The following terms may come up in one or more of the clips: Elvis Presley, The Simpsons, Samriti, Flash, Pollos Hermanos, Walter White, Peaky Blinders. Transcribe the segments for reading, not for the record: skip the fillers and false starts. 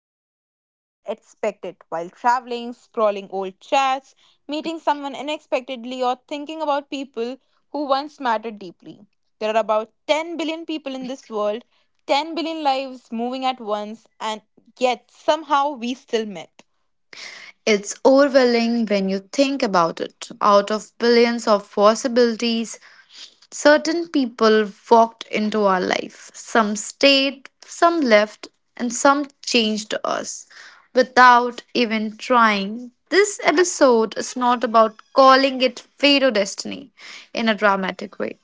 we least expect it while traveling, scrolling old chats, meeting someone unexpectedly, or thinking about people who once mattered deeply. There are about 10 billion people in this world, 10 billion lives moving at once, and yet somehow we still met. It's overwhelming when you think about it. Out of billions of possibilities, certain people walked into our life. Some stayed, some left, and some changed us without even trying. This episode is not about calling it fate or destiny in a dramatic way.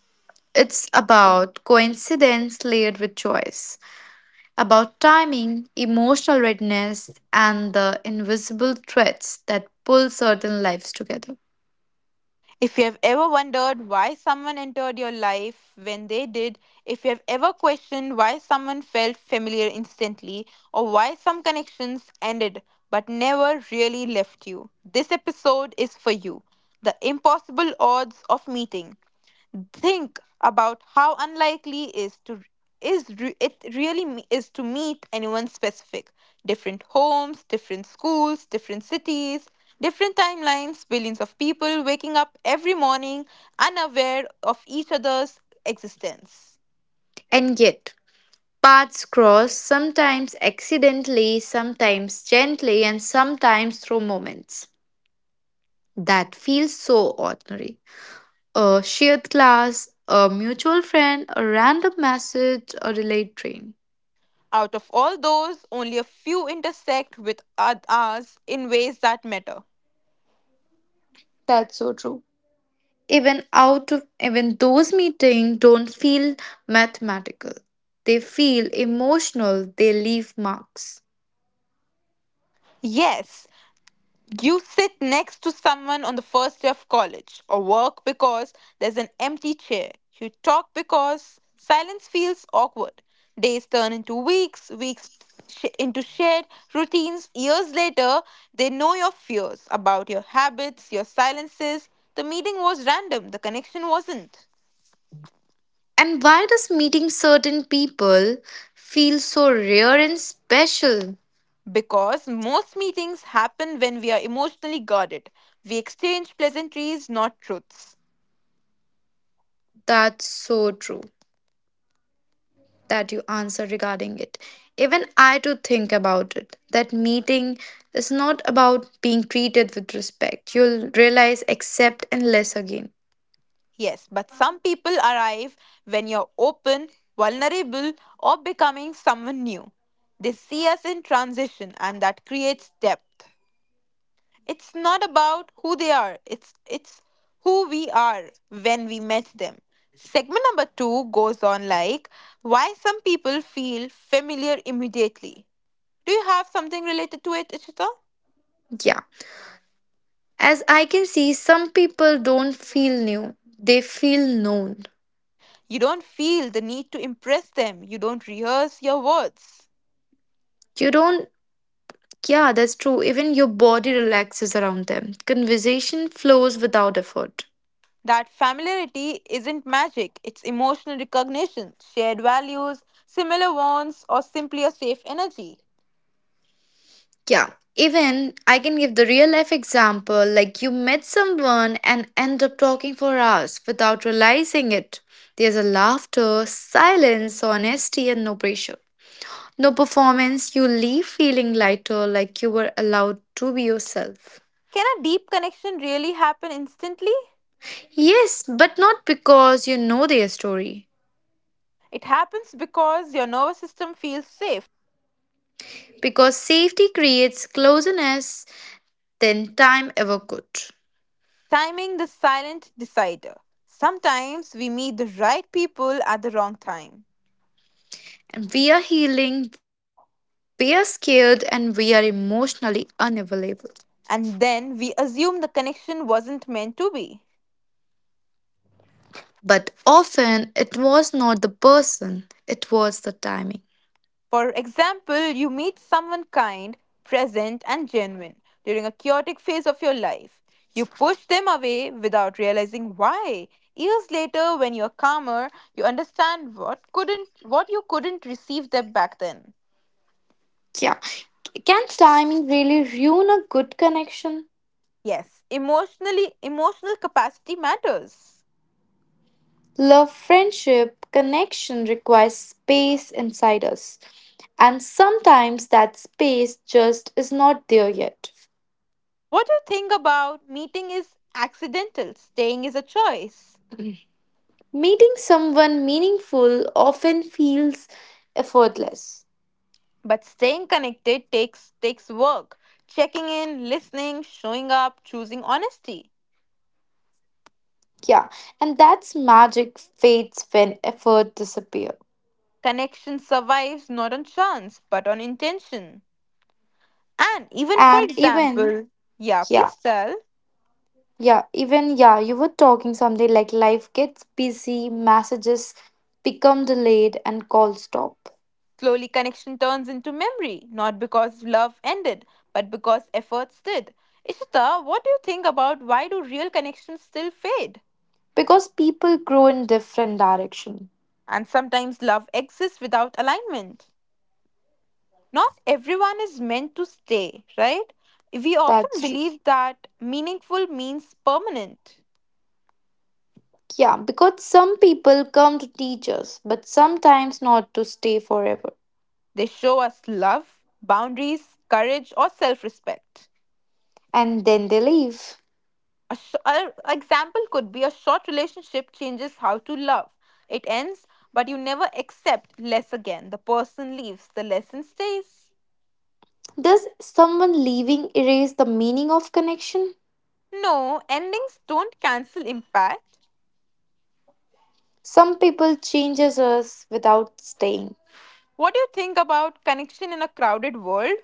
It's about coincidence layered with choice about timing, emotional readiness, and the invisible threads that pull certain lives together. If you have ever wondered why someone entered your life when they did, if you have ever questioned why someone felt familiar instantly, or why some connections ended but never really left you, this episode is for you. The impossible odds of meeting. Think about how unlikely is to is re- it really me- is to meet anyone specific. Different homes, different schools, different cities, different timelines. Billions of people waking up every morning, unaware of each other's existence. And yet, paths cross sometimes accidentally, sometimes gently, and sometimes through moments that feel so ordinary. A shared class, a mutual friend, a random message, a delayed train. Out of all those, only a few intersect with ours in ways that matter. That's so true. Even out of even those meetings don't feel mathematical. They feel emotional, they leave marks. Yes. You sit next to someone on the first day of college or work because there's an empty chair. You talk because silence feels awkward. Days turn into weeks, weeks into shared routines. Years later, they know your fears about your habits, your silences. The meeting was random, the connection wasn't. And why does meeting certain people feel so rare and special? Because most meetings happen when we are emotionally guarded. We exchange pleasantries, not truths. That's so true that you answer regarding it. Even I too think about it that meeting is not about being treated with respect. You'll realize accept and less again. Yes, but some people arrive when you're open, vulnerable, or becoming someone new. They see us in transition, and that creates depth. It's not about who they are, it's who we are when we met them. Segment number two goes on like why some people feel familiar immediately. Do you have something related to it, Ishita? Yeah. As I can see, some people don't feel new, they feel known. You don't feel the need to impress them, you don't rehearse your words. You don't, yeah, that's true. Even your body relaxes around them. Conversation flows without effort. That familiarity isn't magic, it's emotional recognition, shared values, similar wants, or simply a safe energy. Yeah. Even I can give the real life example like you met someone and end up talking for hours without realizing it. There's a laughter, silence, honesty, and no pressure. No performance, you leave feeling lighter like you were allowed to be yourself. Can a deep connection really happen instantly? Yes, but not because you know their story. It happens because your nervous system feels safe. Because safety creates closeness than time ever could. Timing, the silent decider. Sometimes we meet the right people at the wrong time, And we are healing, we are scared, and we are emotionally unavailable. and then we assume the connection wasn't meant to be. But often it was not the person, it was the timing. For example, you meet someone kind, present, and genuine during a chaotic phase of your life. You push them away without realizing why. Years later, when you're calmer, you understand what you couldn't receive them back then. Yeah. Can timing really ruin a good connection? Yes, emotional capacity matters. Love, friendship, connection requires space inside us, and sometimes that space just is not there yet. What you think about meeting is accidental, staying is a choice. Meeting someone meaningful often feels effortless. But staying connected takes work. Checking in, listening, showing up, choosing honesty. Yeah, and that's magic fades when effort disappears. Connection survives not on chance, but on intention. And even, for And even, example, yeah, yeah, please tell. yeah, yeah, you were talking something like life gets busy, messages become delayed, and calls stop. Slowly, connection turns into memory, not because love ended, but because efforts did. Ishita, what do you think about why do real connections still fade? Because people grow in different direction. And sometimes love exists without alignment. Not everyone is meant to stay, right? We often That's true. believe that meaningful means permanent. Yeah, because some people come to teach us but sometimes not to stay forever. They show us love, boundaries, courage, or self respect. And then they leave. A example could be a short relationship changes how to love. It ends, but you never accept less again. The person leaves, the lesson stays. Does someone leaving erase the meaning of connection? No, endings don't cancel impact. Some people changes us without staying. What do you think about connection in a crowded world?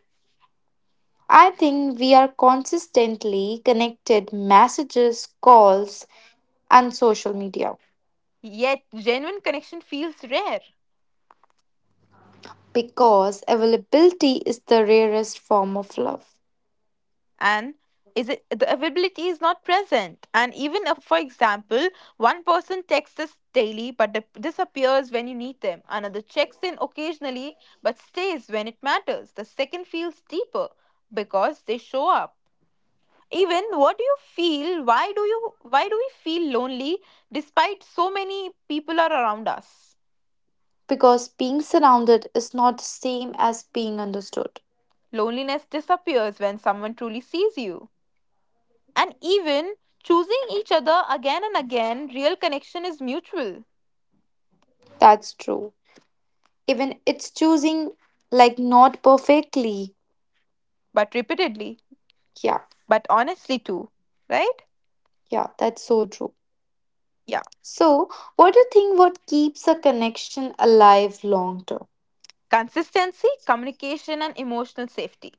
I think we are consistently connected, messages, calls, and social media. Yet, genuine connection feels rare. Because availability is the rarest form of love. And is it the availability is not present? And even if, for example, one person texts us daily but disappears when you need them, another checks in occasionally but stays when it matters. The second feels deeper because they show up. Even, what do you feel, why do we feel lonely despite so many people are around us? Because being surrounded is not the same as being understood. Loneliness disappears when someone truly sees you. And even choosing each other again and again, real connection is mutual. That's true. Even it's choosing like not perfectly. But repeatedly, Yeah, but honestly too, right? yeah, that's so true. Yeah. So, what do you think what keeps a connection alive long term Consistency, communication, and emotional safety.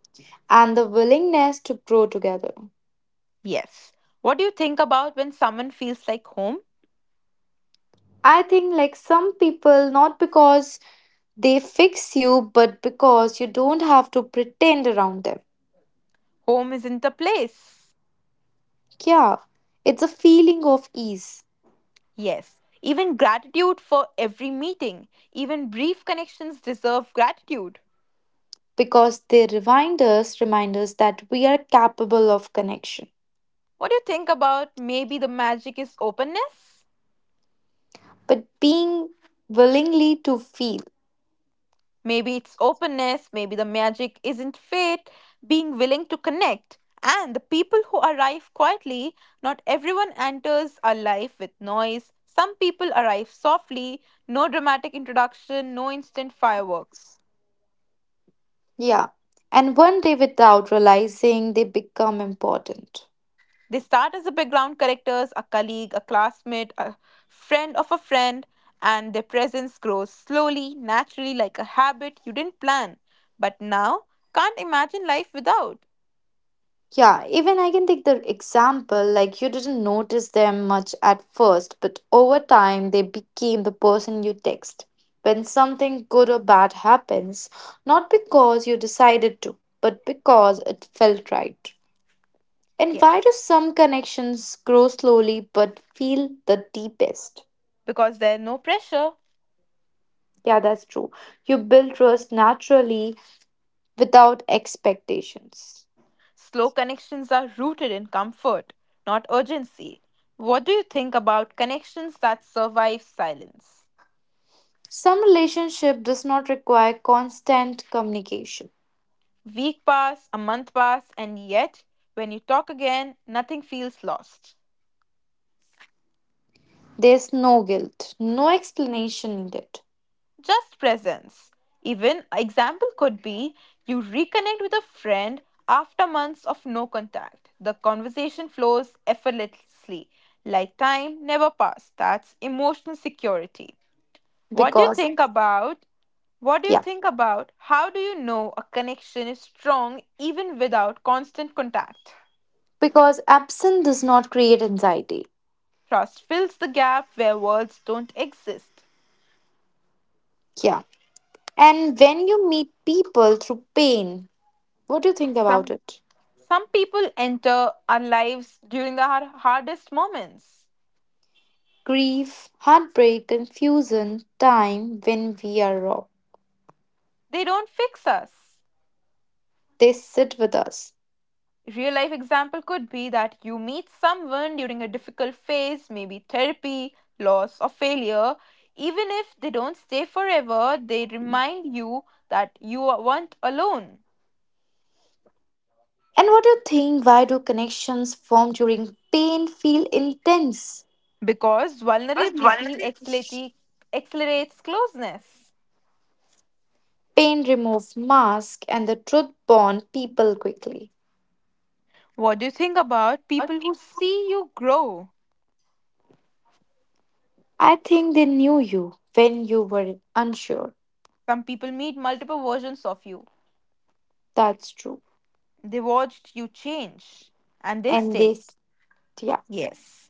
and the willingness to grow together? Yes. What do you think about when someone feels like home? I think like some people not because they fix you but because you don't have to pretend around them. Home isn't a place. Yeah, it's a feeling of ease Yes. Even gratitude for every meeting, even brief connections deserve gratitude. because they remind us that we are capable of connection, What do you think about, maybe the magic is openness? but being willingly to feel. Maybe it's openness, maybe the magic isn't fate, being willing to connect. And the people who arrive quietly, not everyone enters our life with noise. Some people arrive softly, no dramatic introduction, no instant fireworks. Yeah. And one day without realizing they become important. They start as the background characters, a colleague, a classmate, a friend of a friend, and their presence grows slowly, naturally, like a habit you didn't plan, but now can't imagine life without. Yeah, even I can take the example like you didn't notice them much at first, but over time they became the person you text. When something good or bad happens, not because you decided to, but because it felt right. And why do Yes, some connections grow slowly but feel the deepest? because there's no pressure. Yeah, that's true. You build trust naturally without expectations. Slow connections are rooted in comfort, not urgency. What do you think about connections that survive silence? Some relationship does not require constant communication. Week pass, a month pass, and yet, when you talk again, nothing feels lost. There's no guilt, no explanation needed. Just presence. Even, example could be you reconnect with a friend after months of no contact. The conversation flows effortlessly, like time never passed. That's emotional security. What do you Because think about What do you yeah, think about how do you know a connection is strong even without constant contact? because absence does not create anxiety. Trust fills the gap where words don't exist. Yeah. And when you meet people through pain, what do you think about Some it? some people enter our lives during the hardest moments. Grief, heartbreak, confusion, time when we are raw. They don't fix us. They sit with us. Real life example could be that you meet someone during a difficult phase, maybe therapy, loss or failure. Even if they don't stay forever, they remind you that you weren't alone And what do you think? Why do connections formed during pain feel intense? because vulnerability accelerates closeness. Pain removes mask and the truth bond people quickly. What do you think about people who see you grow? I think they knew you when you were unsure. Some people meet multiple versions of you. That's true. They watched you change and they And stayed. this, yeah. Yes.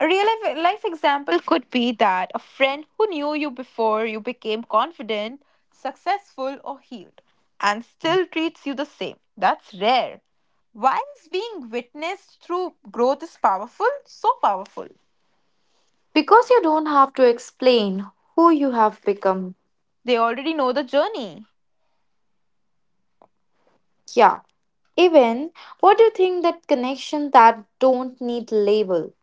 A real life example could be that a friend who knew you before you became confident, successful, or healed and still treats you the same. That's rare. Why is being witnessed through growth is powerful? So powerful. Because you don't have to explain who you have become. They already know the journey. Yeah. Even what do you think that connection that don't need label?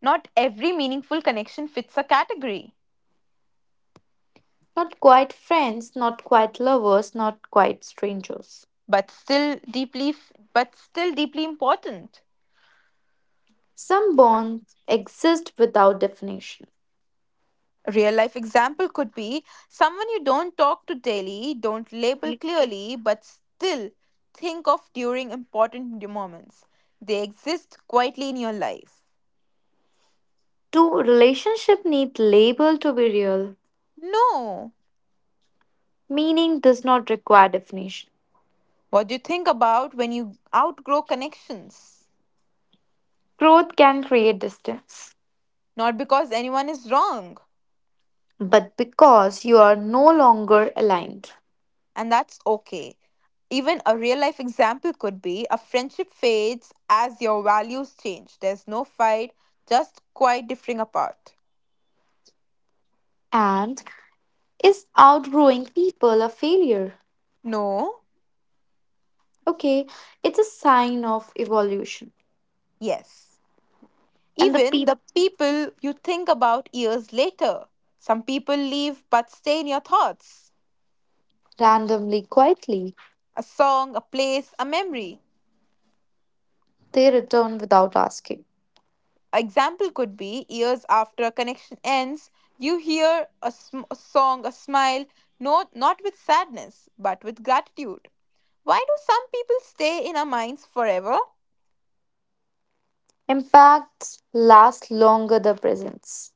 Not every meaningful connection fits a category, Not quite friends, not quite lovers, not quite strangers. but still deeply but still deeply important. Some bonds exist without definition. A real life example could be someone you don't talk to daily, don't label clearly, but still think of during important moments. They exist quietly in your life. Two relationship need label to be real. No. Meaning does not require definition. What do you think about when you outgrow connections? Growth can create distance, Not because anyone is wrong, but because you are no longer aligned. and that's okay. Even a real life example could be a friendship fades as your values change. There's no fight, just quite differing apart. And is outgrowing people a failure? No? Okay, it's a sign of evolution. Yes. And the Even people the people you think about years later. Some people leave but stay in your thoughts. randomly, quietly, A song, a place, a memory. they return without asking. Example could be years after a connection ends, you hear a song, a smile, no, not with sadness, but with gratitude. Why do some people stay in our minds forever? Impacts last longer than presence.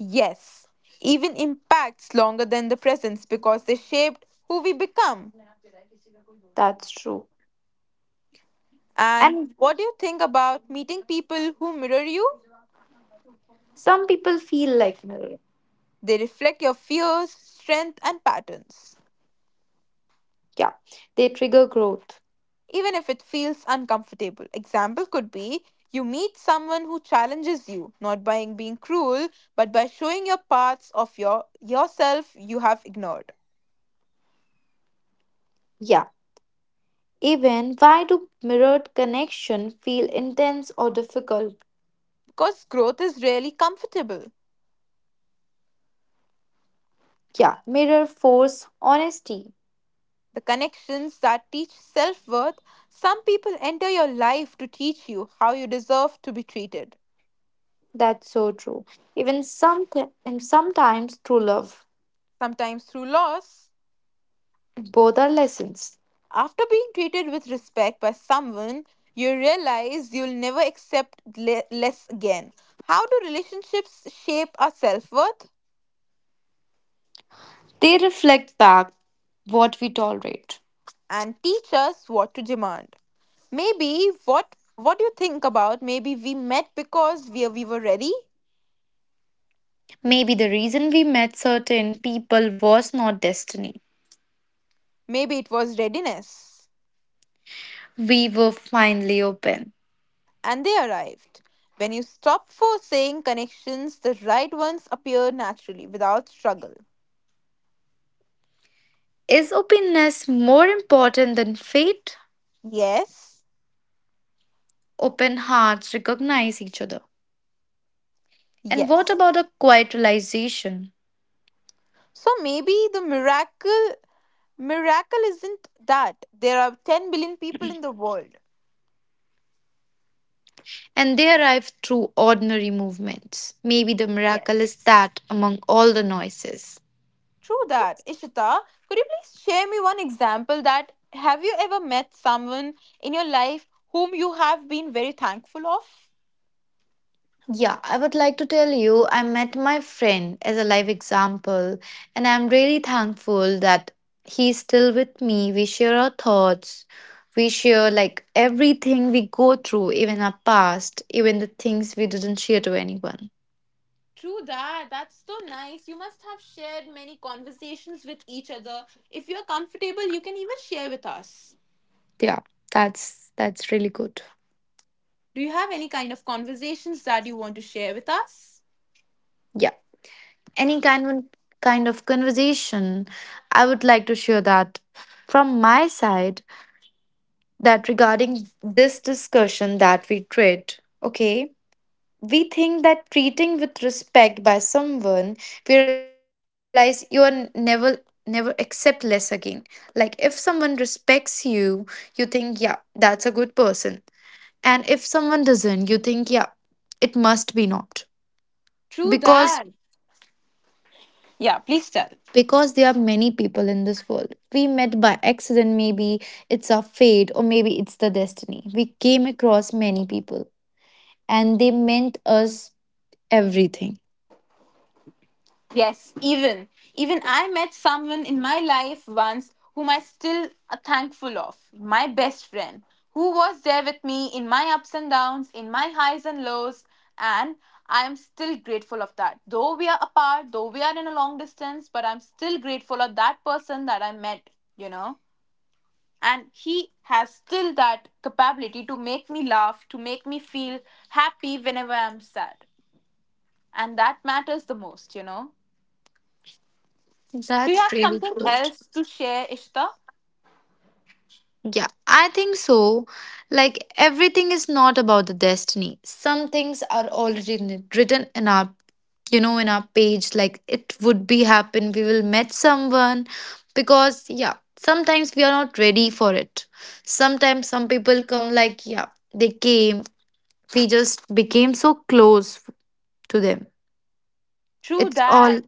Yes, even impacts longer than the presence because they shaped who we become. That's true. And And what do you think about meeting people who mirror you? some people feel like mirror. They reflect your fears, strength, and patterns, Yeah. They trigger growth. even if it feels uncomfortable. Example could be you meet someone who challenges you, not by being cruel, but by showing your parts of yourself you have ignored. Yeah. Even why do mirrored connection feel intense or difficult? Because growth is rarely comfortable. Yeah. Mirror force honesty. The connections that teach self worth. Some people enter your life to teach you how you deserve to be treated, That's so true. Even some and sometimes true love. sometimes through loss. Both are lessons. After being treated with respect by someone, you realize you'll never accept less again. How do relationships shape our self worth They reflect back what we tolerate. and teach us what to demand? Maybe what do you think about? Maybe we met because we were ready. Maybe the reason we met certain people was not destiny. Maybe it was readiness. We were finally open. And they arrived. When you stop forcing connections, the right ones appear naturally without struggle. Is openness more important than fate? Yes, Open hearts recognize each other. And what yes. about a quiet realization? So maybe the miracle isn't that there are 10 billion people in the world. And they arrive through ordinary movements. Maybe the miracle is Yes. that among all the noises. True that. Ishita, could you please share me one example that have you ever met someone in your life whom you have been very thankful of? Yeah, I would like to tell you, I met my friend as a live example, and I'm really thankful that he's still with me. We share our thoughts, we share like everything we go through, even our past, even the things we didn't share to anyone. True that. That's so nice. You must have shared many conversations with each other. If you're comfortable, you can even share with us. Yeah, that's really good. Do you have any kind of conversations that you want to share with us? Yeah, any kind of conversation, I would like to share that from my side that regarding this discussion that we did. Okay, we think that treating with respect by someone we realize you are never accept less again. Like if someone respects you, you think yeah, that's a good person. And if someone doesn't, you think yeah, it must be not. True Because that. Yeah, please tell. There are many people in this world we met by accident. Maybe it's our fate or maybe it's the destiny. We came across many people and they meant us everything. Yes, even I met someone in my life once whom I still are thankful of, my best friend, who was there with me in my ups and downs, in my highs and lows, and I am still grateful of that. Though we are apart, though we are in a long distance, but I'm still grateful of that person that I met, you know. And he has still that capability to make me laugh, to make me feel happy whenever I'm sad. And that matters the most. Do you That's have really something good. else to share, Ishta? Yeah, I think so. Like everything is not about the destiny. Some things are already written in our page. Like it would be happen. We will met someone, because yeah, sometimes we are not ready for it. Sometimes some people come like yeah, they came. We just became so close to them. True It's all. that.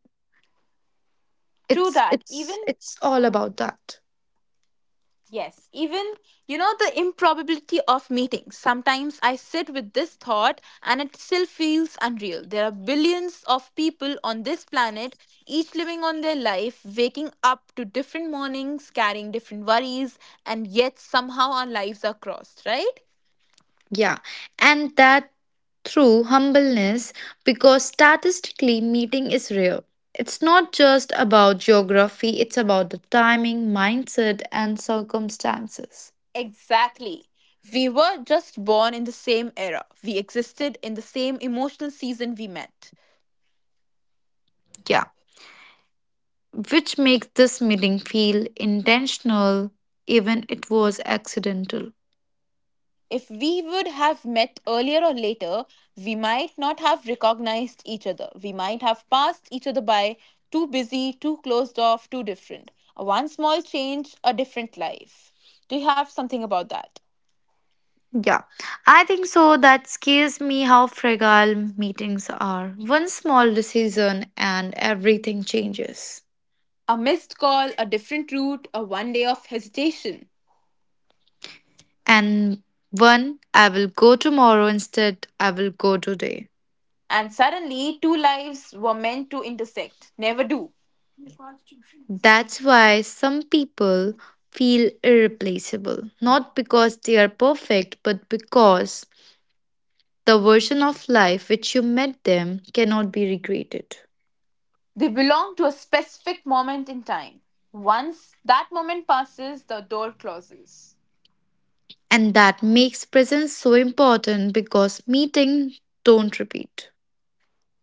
True It's that. it's Even, it's all about that. yes, even, the improbability of meetings. Sometimes I sit with this thought and it still feels unreal. There are billions of people on this planet, each living on their life, waking up to different mornings, carrying different worries, and yet somehow our lives are crossed, right? Yeah, and that through humbleness because statistically meeting is rare. It's not just about geography, it's about the timing, mindset, and circumstances. Exactly. We were just born in the same era. We existed in the same emotional season we met. Yeah, which makes this meeting feel intentional even it was accidental. If we would have met earlier or later, we might not have recognized each other. We might have passed each other by, too busy, too closed off, too different. A one small change, a different life. Do you have something about that? Yeah, I think so. That scares me how fragile meetings are. One small decision and everything changes. A missed call, a different route, a 1 day of hesitation. And one I will go tomorrow instead I will go today. And suddenly, two lives were meant to intersect. Never do. That's why some people feel irreplaceable, not because they are perfect, but because the version of life which you met them cannot be recreated. They belong to a specific moment in time. Once that moment passes, the door closes. And that makes presence so important because meeting don't repeat.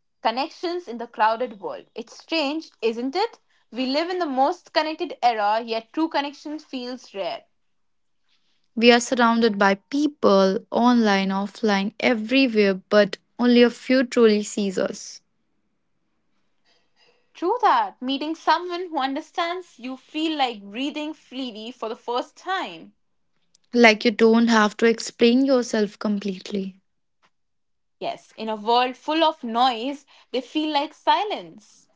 Connections in the crowded world. It's strange, isn't it? We live in the most connected era, yet true connection feels rare. We are surrounded by people online, offline, everywhere, but only a few truly sees us. True that. Meeting someone who understands you feel like breathing freely for the first time. Like you don't have to explain yourself completely. Yes, in a world full of noise, they feel like silence.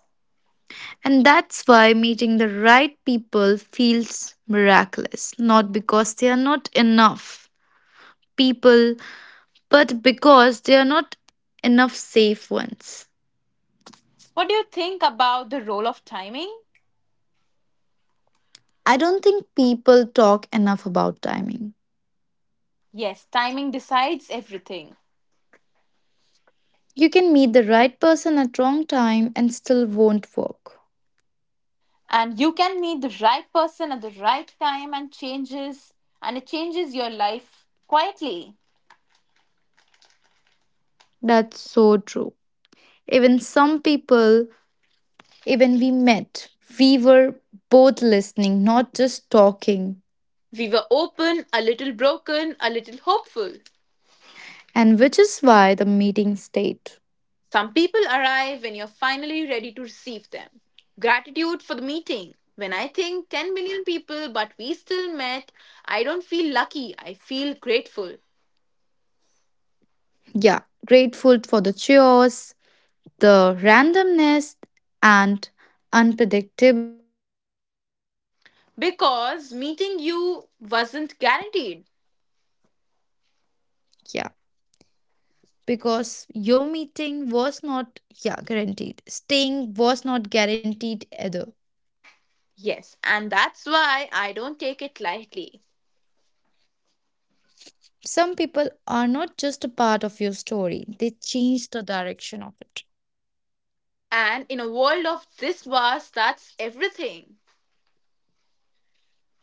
And that's why meeting the right people feels miraculous, not because they are not enough people, but because they are not enough safe ones. What do you think about the role of timing? I don't think people talk enough about timing. Yes, timing decides everything. You can meet the right person at wrong time and still won't work. And you can meet the right person at the right time and changes and it changes your life quietly. That's so true. Even some people, even we met, we were both listening, not just talking. We were open, a little broken, a little hopeful. And which is why the meeting stayed. Some people arrive when you're finally ready to receive them. Gratitude for the meeting. When I think 10 million people, but we still met, I don't feel lucky, I feel grateful. Yeah, grateful for the cheers, the randomness, and unpredictability. Because meeting you wasn't guaranteed. Yeah, because your meeting was not yeah guaranteed. Staying was not guaranteed either. Yes, and that's why I don't take it lightly. Some people are not just a part of your story; they change the direction of it. And in a world of this vast, that's everything.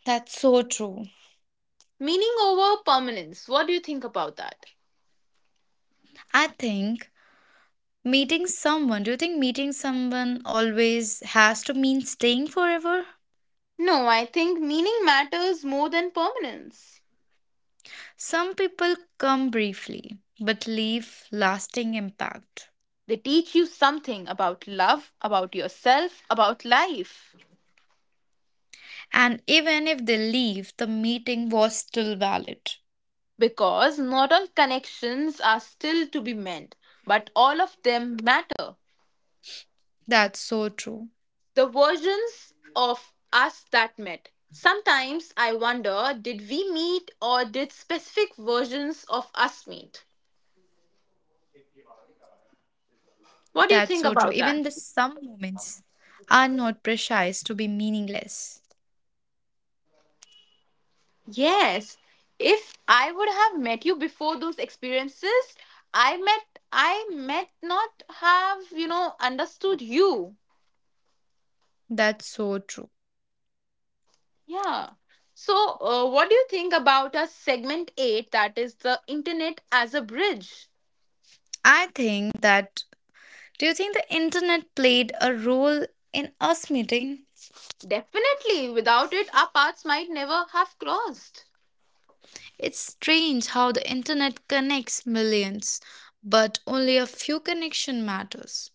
That's so true. Meaning over permanence, what do you think about that? I think meeting someone. Do you think meeting someone always has to mean staying forever? No, I think meaning matters more than permanence. Some people come briefly but leave lasting impact. They teach you something about love, about yourself, about life. And even if they leave, the meeting was still valid. Because not all connections are still to be mended, but all of them matter. That's so true. The versions of us that met. Sometimes I wonder, did we meet or did specific versions of us meet? That's so true. What do Even you the think about some that? moments are not precise to be meaningless. Yes. If I would have met you before those experiences, I met, I might not have, you know, understood you. That's so true. Yeah. So, what do you think about a segment 8 that is the internet as a bridge? I think that do you think the internet played a role in us meeting? Definitely, without it our paths might never have crossed. It's strange how the internet connects millions, but only a few connection matters.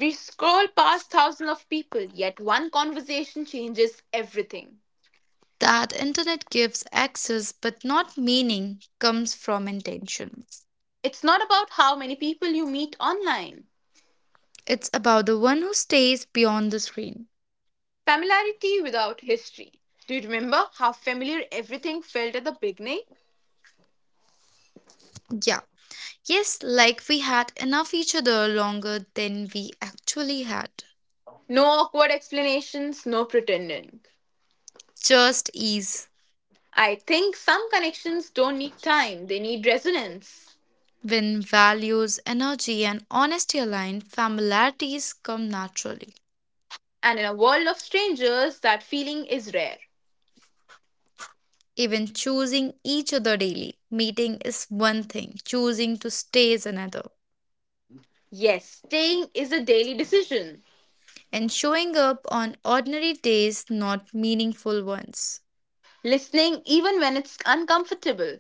We scroll past thousands of people, yet one conversation changes everything. That internet gives access but not meaning comes from intention. It's not about how many people you meet online. It's about the one who stays beyond the screen. Familiarity without history. Do you remember how familiar everything felt at the beginning? Yeah. Yes, like we had enough each other longer than we actually had. No awkward explanations, no pretending. Just ease. I think some connections don't need time, they need resonance. When values, energy, and honesty align, familiarities come naturally. And in a world of strangers, that feeling is rare. Even choosing each other daily, meeting is one thing, choosing to stay is another. Yes, staying is a daily decision. And showing up on ordinary days, not meaningful ones. Listening even when it's uncomfortable.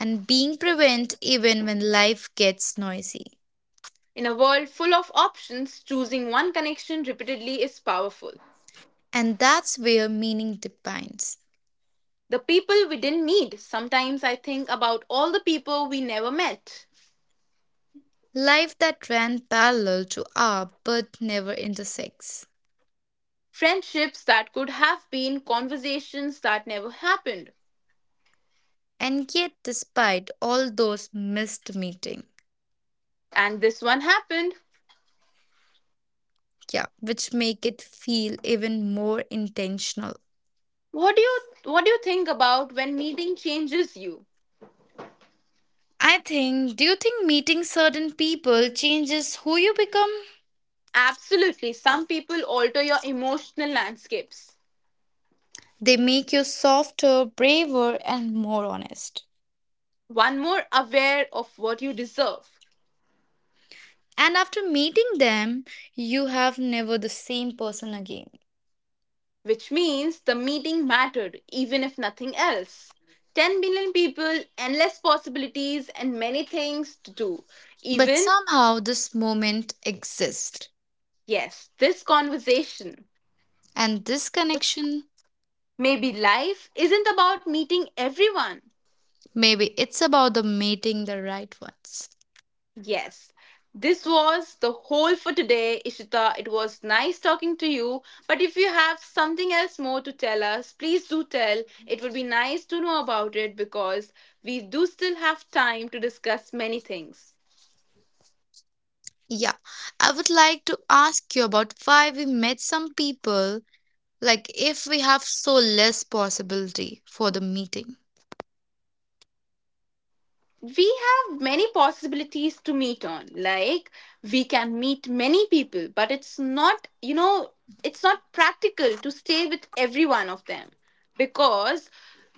And being present even when life gets noisy. In a world full of options, choosing one connection repeatedly is powerful. And that's where meaning depends. The people we didn't meet. Sometimes I think about all the people we never met. Life that ran parallel to our but never intersects. Friendships that could have been, conversations that never happened, And yet, despite all those missed meetings, and this one happened. yeah, which make it feel even more intentional. What do you, what do you think about when meeting changes you? I think, do you think meeting certain people changes who you become? Absolutely, some people alter your emotional landscapes, They make you softer, braver, and more honest. one more aware of what you deserve, And after meeting them, you have never the same person again. which means the meeting mattered even if nothing else. 10 billion people, endless possibilities and many things to do, But even, somehow this moment exists. yes, this conversation. And this connection. Maybe life isn't about meeting everyone. Maybe it's about the meeting the right ones. Yes, this was the whole for today, Ishita. It was nice talking to you. But if you have something else more to tell us, please do tell. It would be nice to know about it, because we do still have time to discuss many things. Yeah, I would like to ask you about why we met some people, like if we have so less possibility for the meeting. We have many possibilities to meet on, like we can meet many people, but it's not, you know, it's not practical to stay with every one of them, because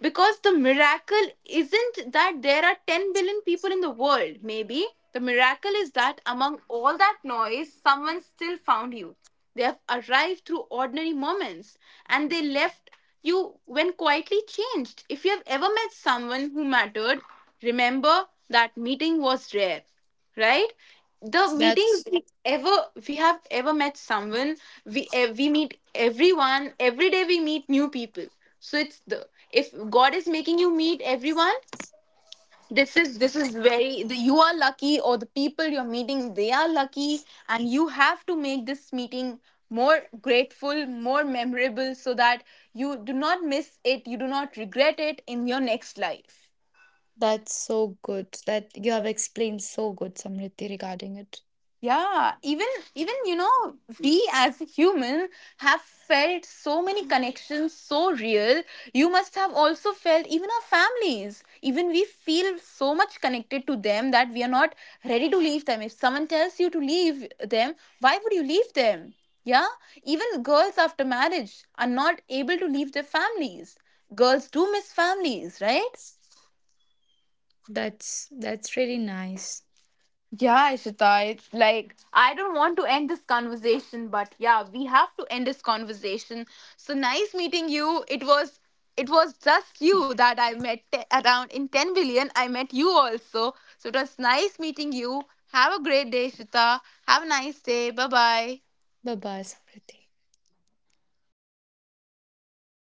the miracle isn't that there are 10 billion people in the world. Maybe the miracle is that among all that noise, someone still found you. They have arrived through ordinary moments, and they left you when quietly changed. If you have ever met someone who mattered, remember that meeting was rare, right? The meetings That's we ever, we have ever met someone, we we meet everyone every day. We meet new people. So it's the, if God is making you meet everyone, this is very the, you are lucky, or the people you're meeting, they are lucky, and you have to make this meeting more grateful, more memorable, so that you do not miss it, you do not regret it in your next life. that's so good. That you have explained so good, Samriti, regarding it. Yeah, even, even you know, we as a human have felt so many connections so real. You must have also felt, even our families, even we feel so much connected to them that we are not ready to leave them. If someone tells you to leave them, why would you leave them? Yeah. Even girls after marriage are not able to leave their families. Girls do miss families, right? That's really nice. Yeah, Ishita, it's like I don't want to end this conversation, but yeah, we have to end this conversation. So nice meeting you. It was just you that I met around in 10 billion. I met you also. So it was nice meeting you. Have a great day, Shita. Have a nice day. Bye bye. Bye bye, Samriti.